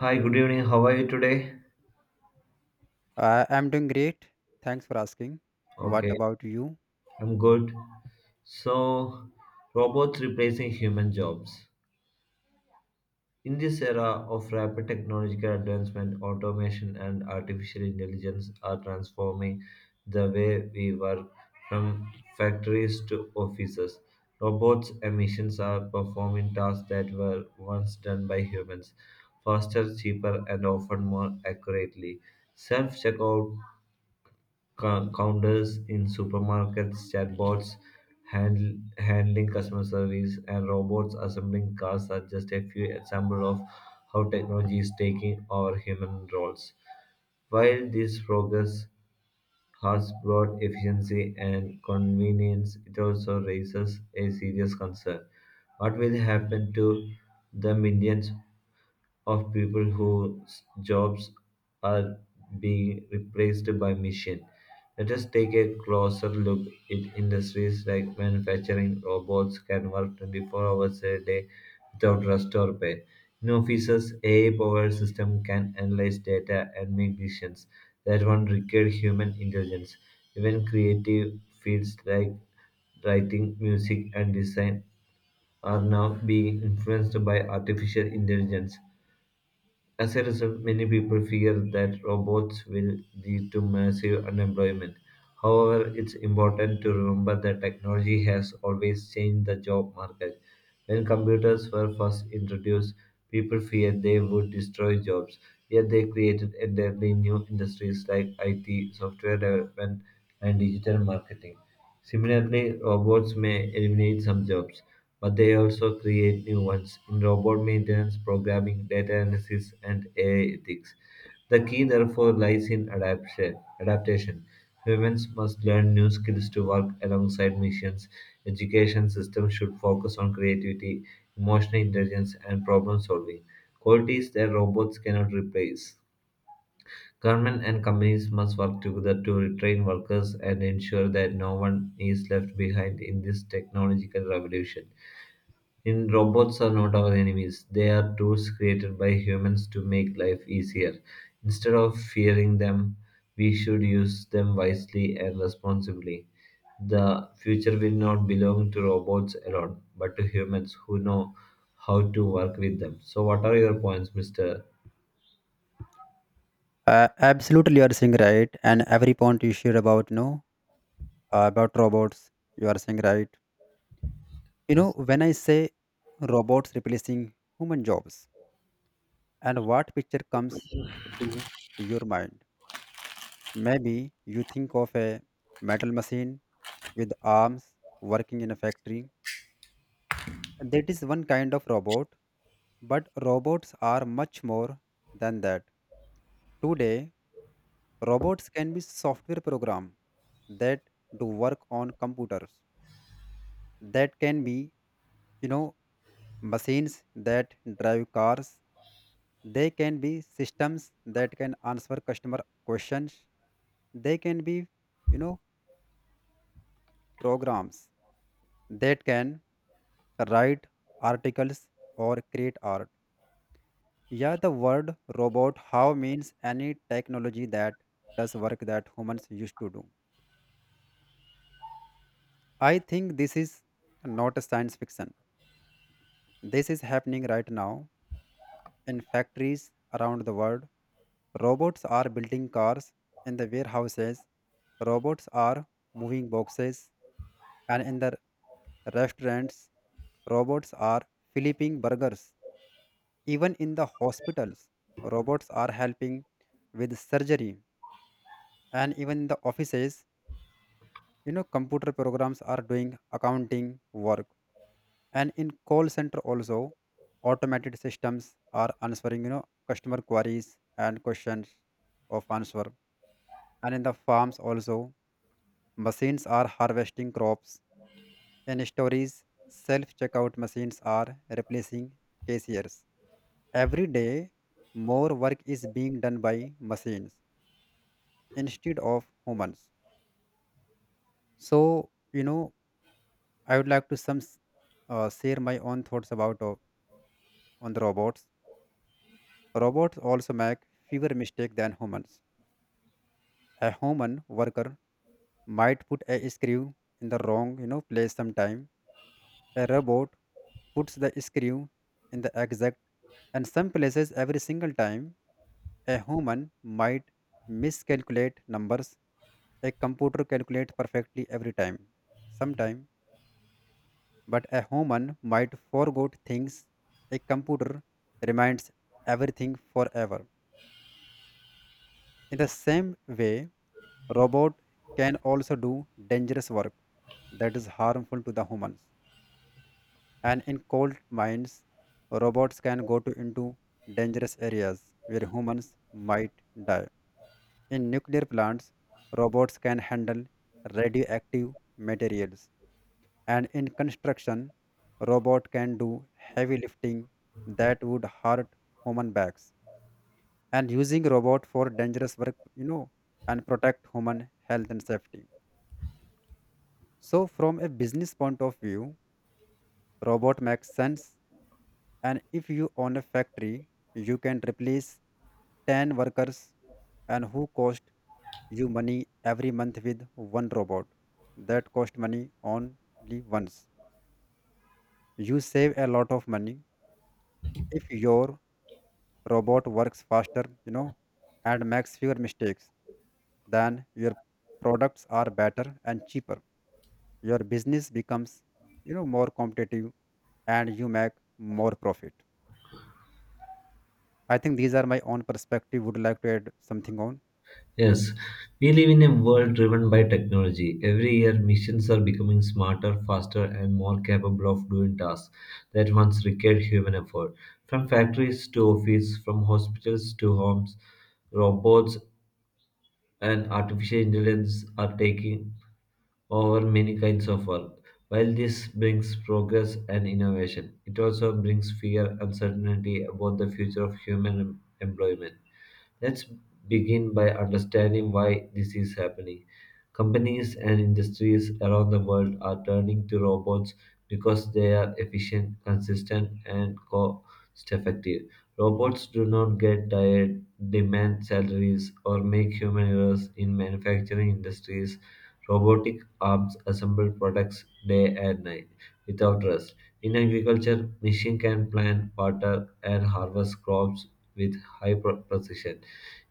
Hi, good evening. How are you today? I'm doing great. Thanks for asking. What Okay, about you? I'm good. So, robots replacing human jobs. In this era of rapid technological advancement, automation and artificial intelligence are transforming the way we work from factories to offices. Robots and machines are performing tasks that were once done by humans faster, cheaper, and often more accurately. Self checkout counters in supermarkets, chatbots handling customer service, and robots assembling cars are just a few examples of how technology is taking over human roles. While this progress has brought efficiency and convenience, it also raises a serious concern. What will happen to the millions of people whose jobs are being replaced by machine. Let us take a closer look at industries like manufacturing robots can work 24 hours a day without rest or pay. In offices, AI-powered system can analyze data and make decisions that one require human intelligence. Even creative fields like writing, music, and design are now being influenced by artificial intelligence. As a result, many people fear that robots will lead to massive unemployment. However, it's important to remember that technology has always changed the job market. When computers were first introduced, people feared they would destroy jobs, yet they created entirely new industries like IT, software development, and digital marketing. Similarly, robots may eliminate some jobs, but they also create new ones in robot maintenance, programming, data analysis, and AI ethics. The key, therefore, lies in adaptation. Humans must learn new skills to work alongside machines. Education systems should focus on creativity, emotional intelligence, and problem solving qualities that robots cannot replace. Government and companies must work together to retrain workers and ensure that no one is left behind in this technological revolution. In robots are not our enemies. They are tools created by humans to make life easier. Instead of fearing them, we should use them wisely and responsibly. The future will not belong to robots alone, but to humans who know how to work with them. So what are your points, Mr. Absolutely, you are saying right. And every point you share about robots, you are saying right. You know, Yes. when I say robots replacing human jobs, and what picture comes to your mind? Maybe you think of a metal machine with arms working in a factory. That is one kind of robot, but robots are much more than that. Today, robots can be software program that do work on computers. That can be, you know, machines that drive cars. They can be systems that can answer customer questions. They can be, you know, programs that can write articles or create art. Yeah, the word robot how means any technology that does work that humans used to do. I think this is not a science fiction. This is happening right now in factories around the world. Robots are building cars in the warehouses, robots are moving boxes, and in the restaurants, robots are flipping burgers. Even in the hospitals, robots are helping with surgery. And even in the offices, computer programs are doing accounting work. And in call center also, automated systems are answering customer queries and questions of answer. And in the farms also, machines are harvesting crops. In stores, self checkout machines are replacing cashiers. Every day more work is being done by machines instead of humans. So you know I would like to share my own thoughts about on the robots. Robots also make fewer mistakes than humans. A human worker might put a screw in the wrong place sometime. A robot puts the screw in the exact and some places every single time. A human might miscalculate numbers. A computer calculates perfectly every time. Sometime, but a human might forget things. A computer reminds everything forever. In the same way, robot can also do dangerous work that is harmful to the humans. And in coal mines, robots can go to into dangerous areas where humans might die. In nuclear plants, robots can handle radioactive materials. And in construction, robot can do heavy lifting that would hurt human backs. And using robot for dangerous work, and protect human health and safety. So, from a business point of view, robot makes sense. And if you own a factory, you can replace 10 workers and who cost you money every month with one robot. That cost money only once. You save a lot of money if your robot works faster, and makes fewer mistakes, then your products are better and cheaper. Your business becomes more competitive, and you make more profit. I think these are my own perspective. Would you like to add something on? Yes, we live in a world driven by technology. Every year, machines are becoming smarter, faster, and more capable of doing tasks that once required human effort. From factories to office, from hospitals to homes, robots and artificial intelligence are taking over many kinds of work. While this brings progress and innovation, it also brings fear, uncertainty about the future of human employment. Let's begin by understanding why this is happening. Companies and industries around the world are turning to robots because they are efficient, consistent, and cost effective. Robots do not get tired, demand salaries, or make human errors in manufacturing industries. Robotic arms assemble products day and night without rest. In agriculture, machine can plant, water, and harvest crops with high precision.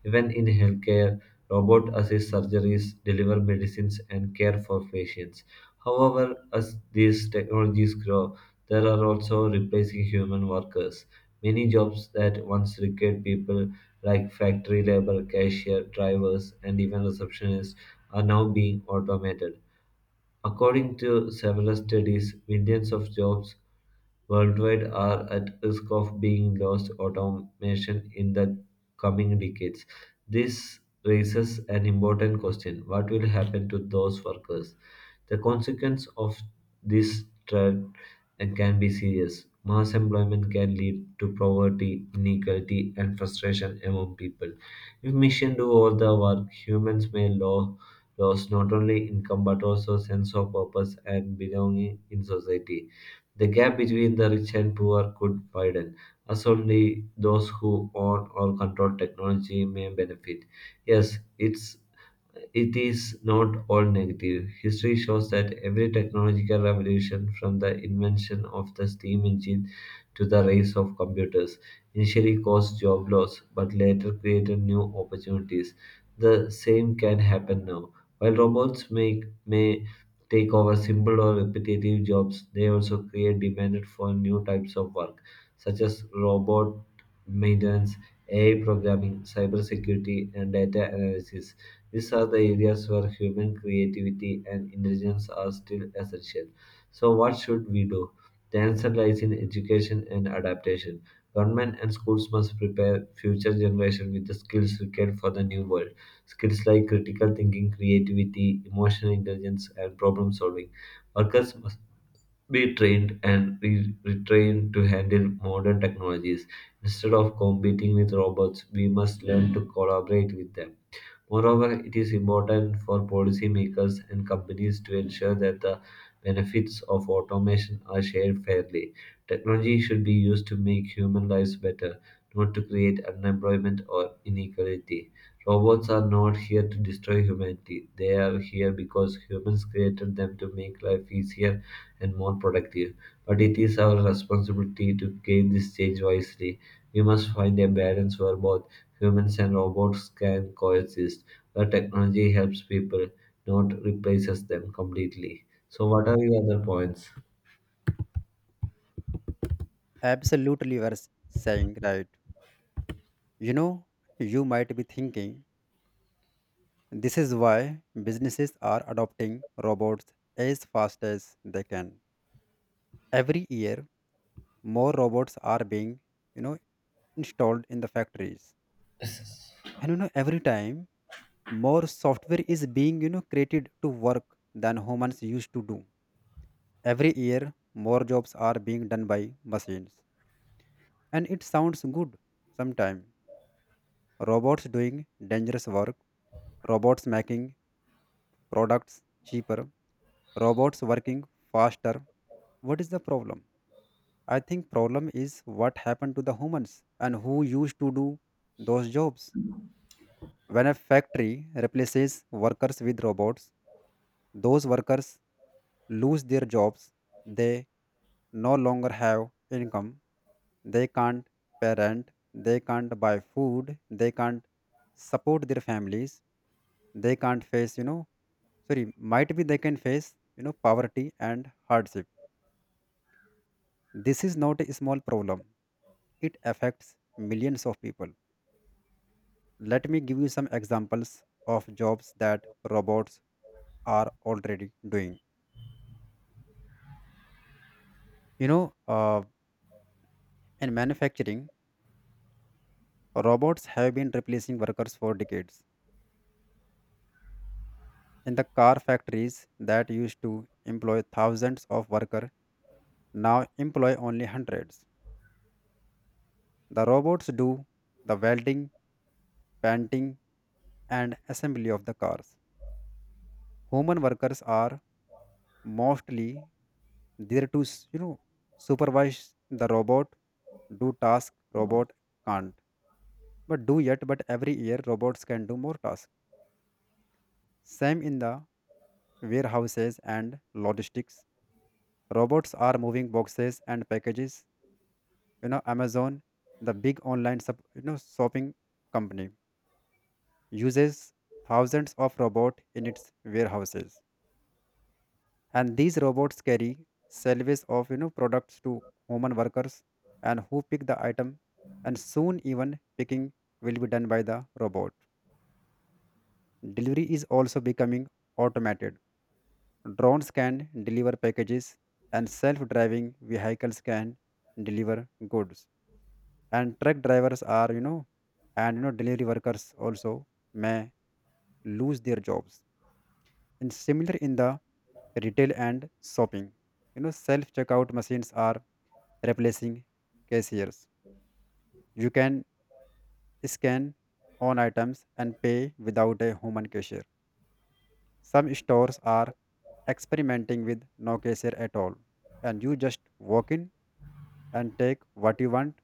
Even in healthcare, robot assist surgeries, deliver medicines, and care for patients. However, as these technologies grow, there are also replacing human workers. Many jobs that once required people like factory labor, cashier, drivers, and even receptionists are now being automated. According to several studies, millions of jobs worldwide are at risk of being lost automation in the coming decades. This raises an important question. What will happen to those workers? The consequence of this trend can be serious. Mass employment can lead to poverty, inequality, and frustration among people. If machines do all the work, humans may lose lost not only income but also sense of purpose and belonging in society. The gap between the rich and poor could widen, as only those who own or control technology may benefit. Yes, it is not all negative. History shows that every technological revolution, from the invention of the steam engine to the rise of computers, initially caused job loss but later created new opportunities. The same can happen now. While robots may take over simple or repetitive jobs, they also create demand for new types of work, such as robot maintenance, AI programming, cybersecurity, and data analysis. These are the areas where human creativity and intelligence are still essential. So, what should we do? The answer lies in education and adaptation. Government and schools must prepare future generation with the skills required for the new world. Skills like critical thinking, creativity, emotional intelligence, and problem solving. Workers must be trained and retrained to handle modern technologies. Instead of competing with robots, we must learn to collaborate with them. Moreover, it is important for policymakers and companies to ensure that the benefits of automation are shared fairly. Technology should be used to make human lives better, not to create unemployment or inequality. Robots are not here to destroy humanity, they are here because humans created them to make life easier and more productive. But it is our responsibility to gain this change wisely. We must find a balance where both humans and robots can coexist, where technology helps people, not replaces them completely. So, what are your other points? Absolutely, you are saying right. You know you might be thinking this is why businesses are adopting robots as fast as they can. Every year more robots are being you know installed in the factories. And every time more software is being created to work than humans used to do. Every year, more jobs are being done by machines. And it sounds good sometimes. Robots doing dangerous work, robots making products cheaper, robots working faster. What is the problem? I think problem is what happened to the humans and who used to do those jobs. When a factory replaces workers with robots, those workers lose their jobs, they no longer have income, they can't pay rent, they can't buy food, they can't support their families, they can't face, sorry, might be they can face poverty and hardship. This is not a small problem. It affects millions of people. Let me give you some examples of jobs that robots are already doing. You know, uh, In manufacturing, robots have been replacing workers for decades. In the car factories that used to employ thousands of workers now employ only hundreds. The robots do the welding, painting, and assembly of the cars. Human workers are mostly there to supervise the robot, do tasks robot can't, but do yet. But every year robots can do more tasks. Same in the warehouses and logistics. Robots are moving boxes and packages. Amazon, the big online shopping company, uses thousands of robots in its warehouses, and these robots carry salvage of products to human workers and who pick the item, and soon even picking will be done by the robot. Delivery is also becoming automated. Drones can deliver packages, and self-driving vehicles can deliver goods. And truck drivers are, and delivery workers also may lose their jobs. And similar in the retail and shopping, self-checkout machines are replacing cashiers. You can scan on items and pay without a human cashier. Some stores are experimenting with no cashier at all, and you just walk in and take what you want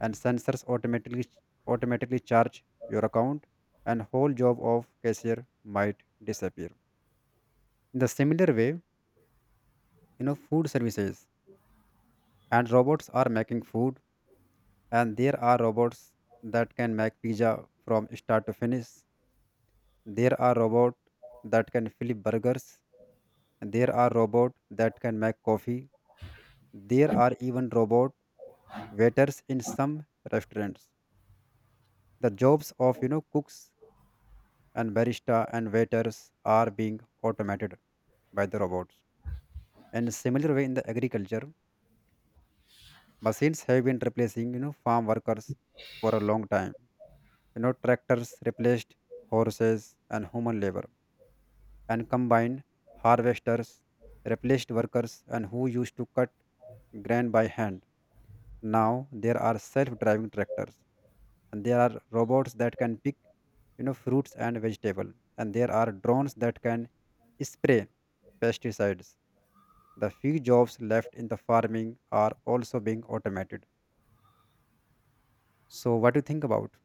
and sensors automatically charge your account, and whole job of cashier might disappear. In the similar way, food services and robots are making food. And there are robots that can make pizza from start to finish. There are robots that can flip burgers. There are robots that can make coffee. There are even robot waiters in some restaurants. The jobs of cooks and barista and waiters are being automated by the robots. And similar way in the agriculture, machines have been replacing farm workers for a long time. Tractors replaced horses and human labor, and combined harvesters replaced workers and who used to cut grain by hand. Now there are self-driving tractors, and there are robots that can pick fruits and vegetable, and there are drones that can spray pesticides. The few jobs left in the farming are also being automated. So, what do you think about?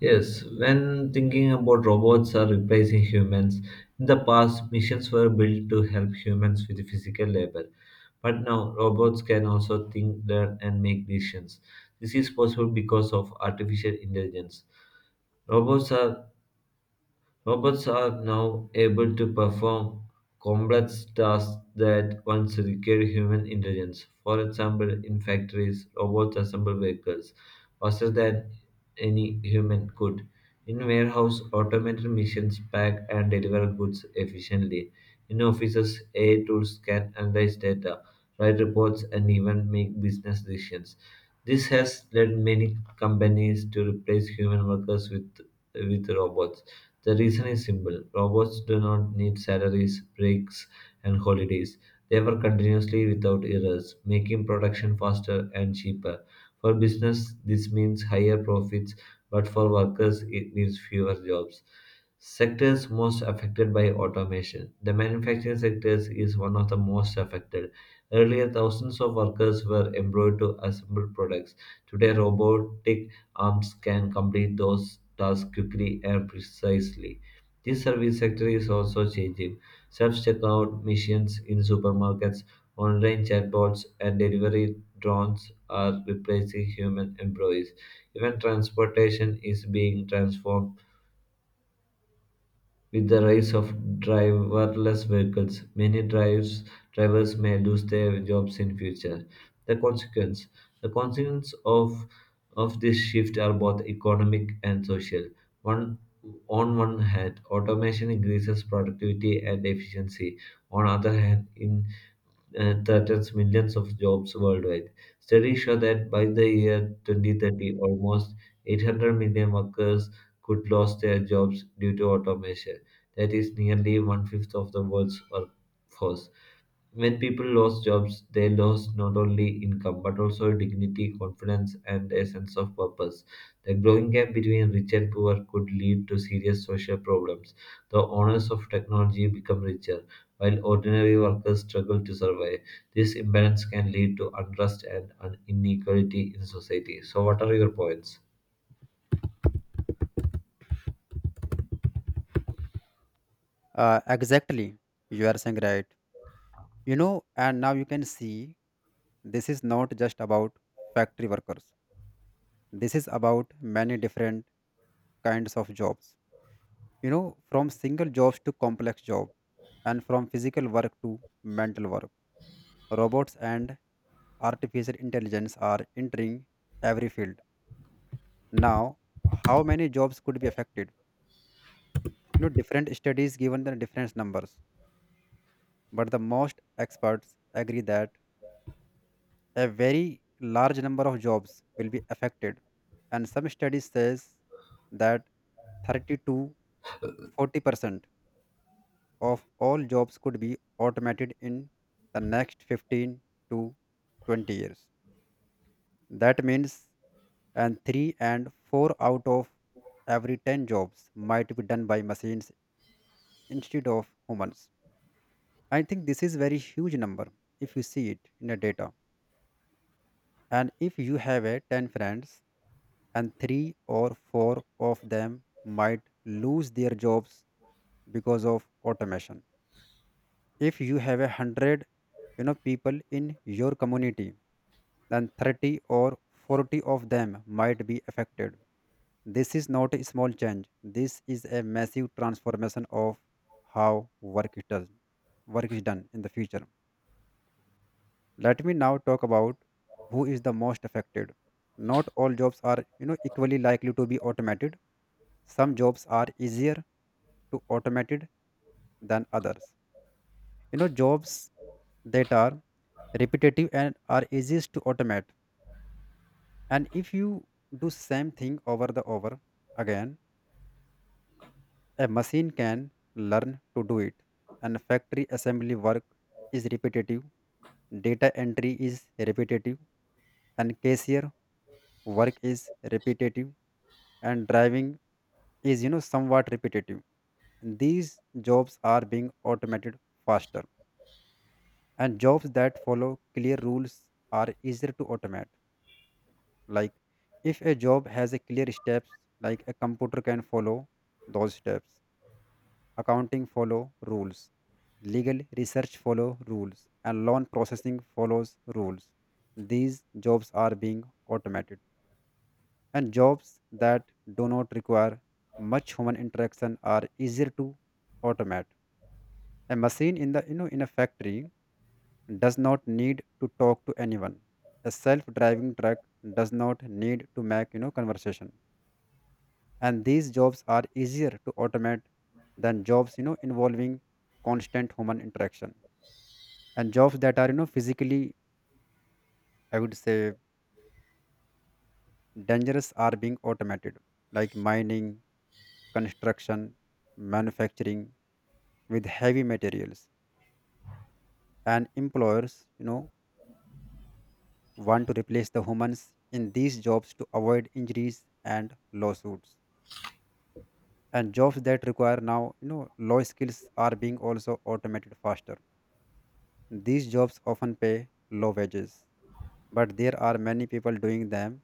Yes, when thinking about robots are replacing humans, in the past missions were built to help humans with physical labor. But now robots can also think, learn and make decisions. This is possible because of artificial intelligence. Robots are Robots are now able to perform complex tasks that once required human intelligence. For example, in factories, robots assemble vehicles faster than any human could. In warehouse, automated machines pack and deliver goods efficiently. In offices, AI tools can analyze data, write reports, and even make business decisions. This has led many companies to replace human workers with robots. The reason is simple robots do not need salaries, breaks, and holidays. They work continuously without errors, making production faster and cheaper. For business, this means higher profits, but for workers, it means fewer jobs sectors most affected by automation. The manufacturing sector is one of the most affected. Earlier, thousands of workers were employed to assemble products. Today, robotic arms can complete those tasks quickly and precisely. This service sector is also changing. Self-checkout machines in supermarkets, online chatbots, and delivery drones are replacing human employees. Even transportation is being transformed with the rise of driverless vehicles, many drivers may lose their jobs in future. The consequence, the consequence of this shift are both economic and social. One On one hand, automation increases productivity and efficiency. On other hand, in threatens millions of jobs worldwide. Studies show that by the year 2030, almost 800 million workers could lose their jobs due to automation. That is nearly one fifth of the world's workforce. When people lost jobs, they lost not only income but also dignity, confidence, and a sense of purpose. The growing gap between rich and poor could lead to serious social problems. The owners of technology become richer, while ordinary workers struggle to survive. This imbalance can lead to unrest and inequality in society. So, what are your points? Exactly, you are saying right. And now you can see this is not just about factory workers. This is about many different kinds of jobs, from single jobs to complex job, and from physical work to mental work. Robots and artificial intelligence are entering every field now. How many jobs could be affected? Different studies given the different numbers, but the most experts agree that a very large number of jobs will be affected. And some studies says that 30 to 40% of all jobs could be automated in the next 15 to 20 years. That means and 3 and 4 out of every 10 jobs might be done by machines instead of humans. I think this is very huge number if you see it in the data. And if you have a 10 friends and 3 or 4 of them might lose their jobs because of automation. If you have a hundred people in your community, then 30 or 40 of them might be affected. This is not a small change. This is a massive transformation of how work is done, work is done in the future. Let me now talk about who is the most affected. Not all jobs are equally likely to be automated. Some jobs are easier to automated than others. Jobs that are repetitive and are easiest to automate, and if you do same thing over the over again, a machine can learn to do it. And factory assembly work is repetitive, data entry is repetitive, and cashier work is repetitive, and driving is somewhat repetitive. And these jobs are being automated faster. And jobs that follow clear rules are easier to automate. Like if a job has a clear steps like a computer can follow those steps, accounting follow rules, legal research follow rules, and loan processing follows rules. These jobs are being automated. And jobs that do not require much human interaction are easier to automate. A machine in the you know in a factory does not need to talk to anyone. A self driving truck does not need to make conversation. And these jobs are easier to automate than jobs involving constant human interaction. And jobs that are physically, I would say, dangerous are being automated. Like mining, construction, manufacturing with heavy materials. And employers want to replace the humans in these jobs to avoid injuries and lawsuits. And jobs that require now low skills are being also automated faster. These jobs often pay low wages, but there are many people doing them,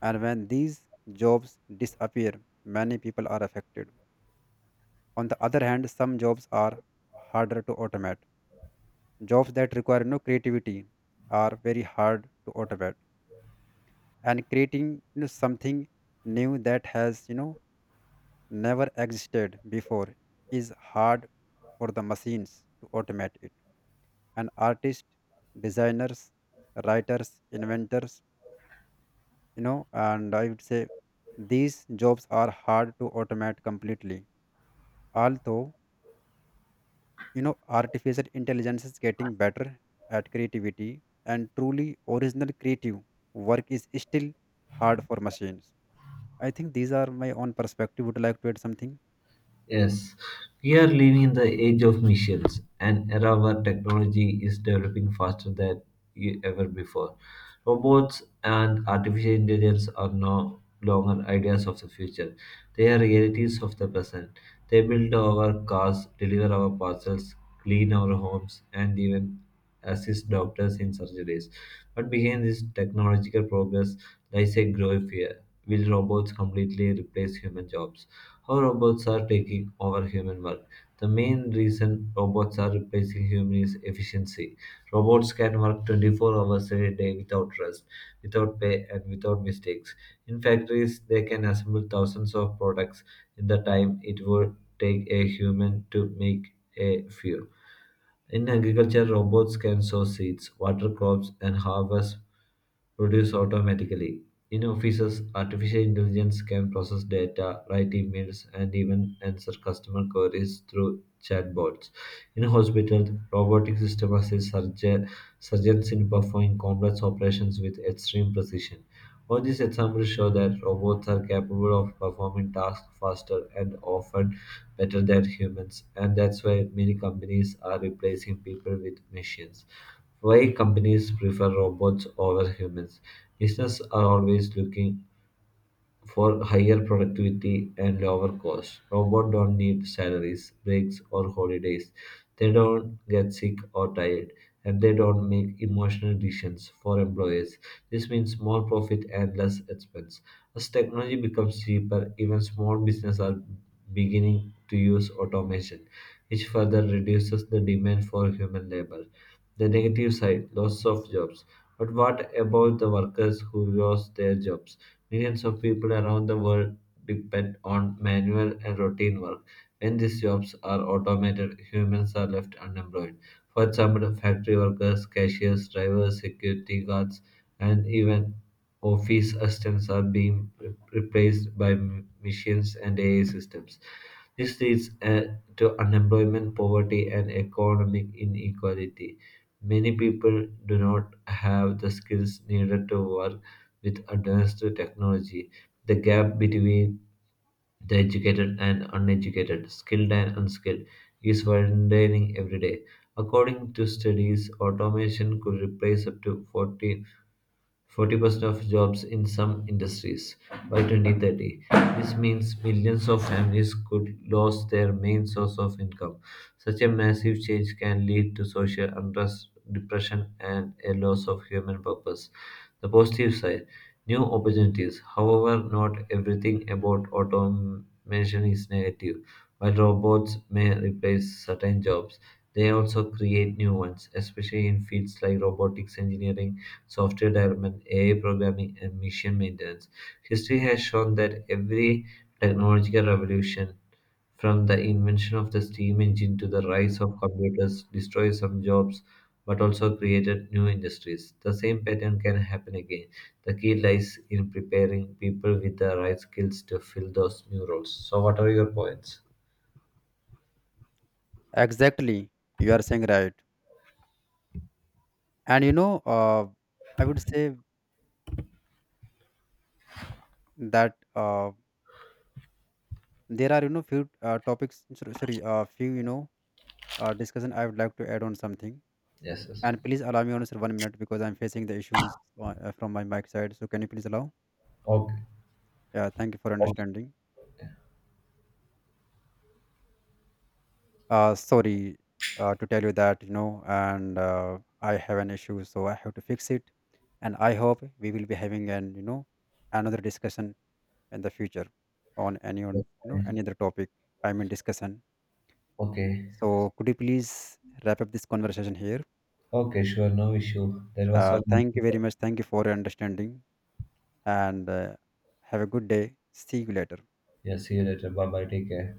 and when these jobs disappear, many people are affected. On the other hand, some jobs are harder to automate. Jobs that require no creativity are very hard to automate. And creating something new that has never existed before is hard for the machines to automate it. And artists, designers, writers, inventors, you know and I would say these jobs are hard to automate completely, although you know artificial intelligence is getting better at creativity, and truly original creative work is still hard for machines. I think these are my own perspective. Would you like to add something? Yes, we are living in the age of machines, an era where technology is developing faster than ever before. Robots and artificial intelligence are no longer ideas of the future, they are realities of the present. They build our cars, deliver our parcels, clean our homes, and even assist doctors in surgeries. But behind this technological progress lies a growing fear. Will robots completely replace human jobs? How robots are taking over human work. The main reason robots are replacing humans is efficiency. Robots can work 24 hours a day without rest, without pay, and without mistakes. In factories, they can assemble thousands of products in the time it would take a human to make a few. In agriculture, robots can sow seeds, water crops, and harvest produce automatically. In offices, artificial intelligence can process data, write emails, and even answer customer queries through chatbots. In hospitals, robotic systems assist surgeons in performing complex operations with extreme precision. All these examples show that robots are capable of performing tasks faster and often better than humans, and that's why many companies are replacing people with machines. Why companies prefer robots over humans? Businesses are always looking for higher productivity and lower costs. Robots don't need salaries, breaks, or holidays. They don't get sick or tired, and they don't make emotional decisions for employees. This means more profit and less expense. As technology becomes cheaper, even small businesses are beginning to use automation, which further reduces the demand for human labor. The negative side, loss of jobs. But what about the workers who lost their jobs? Millions of people around the world depend on manual and routine work. When these jobs are automated, humans are left unemployed. For example, factory workers, cashiers, drivers, security guards, and even office assistants are being replaced by machines and AI systems. This leads to unemployment, poverty, and economic inequality. Many people do not have the skills needed to work with advanced technology. The gap between the educated and uneducated, skilled and unskilled, is widening every day. According to studies, automation could replace up to 40 forty percent of jobs in some industries by 2030. This means millions of families could lose their main source of income. Such a massive change can lead to social unrest, depression, and a loss of human purpose. The positive side new opportunities. However, not everything about automation is negative. While robots may replace certain jobs, they also create new ones, especially in fields like robotics engineering software development, AI programming, and mission maintenance. History has shown that every technological revolution, from the invention of the steam engine to the rise of computers, destroyed some jobs but also created new industries. The same pattern can happen again. The key lies in preparing people with the right skills to fill those new roles. So, what are your points? Exactly, you are saying right. And I would say that uh, there are few topics, sorry, sorry, few discussion I would like to add on something. Yes, yes. And please allow me, on sir 1 minute because I'm facing the issues from my mic side. So can you please allow? Okay. Yeah, thank you for Okay. understanding. Sorry to tell you that, you know, and I have an issue, so I have to fix it. And I hope we will be having another discussion in the future on any on Okay. you know any other topic. I mean discussion. Okay. So could you please wrap up this conversation here? Okay, sure. No issue. That was all. Thank you very much. Thank you for your understanding, and have a good day. See you later. Yeah, see you later. Bye bye. Take care.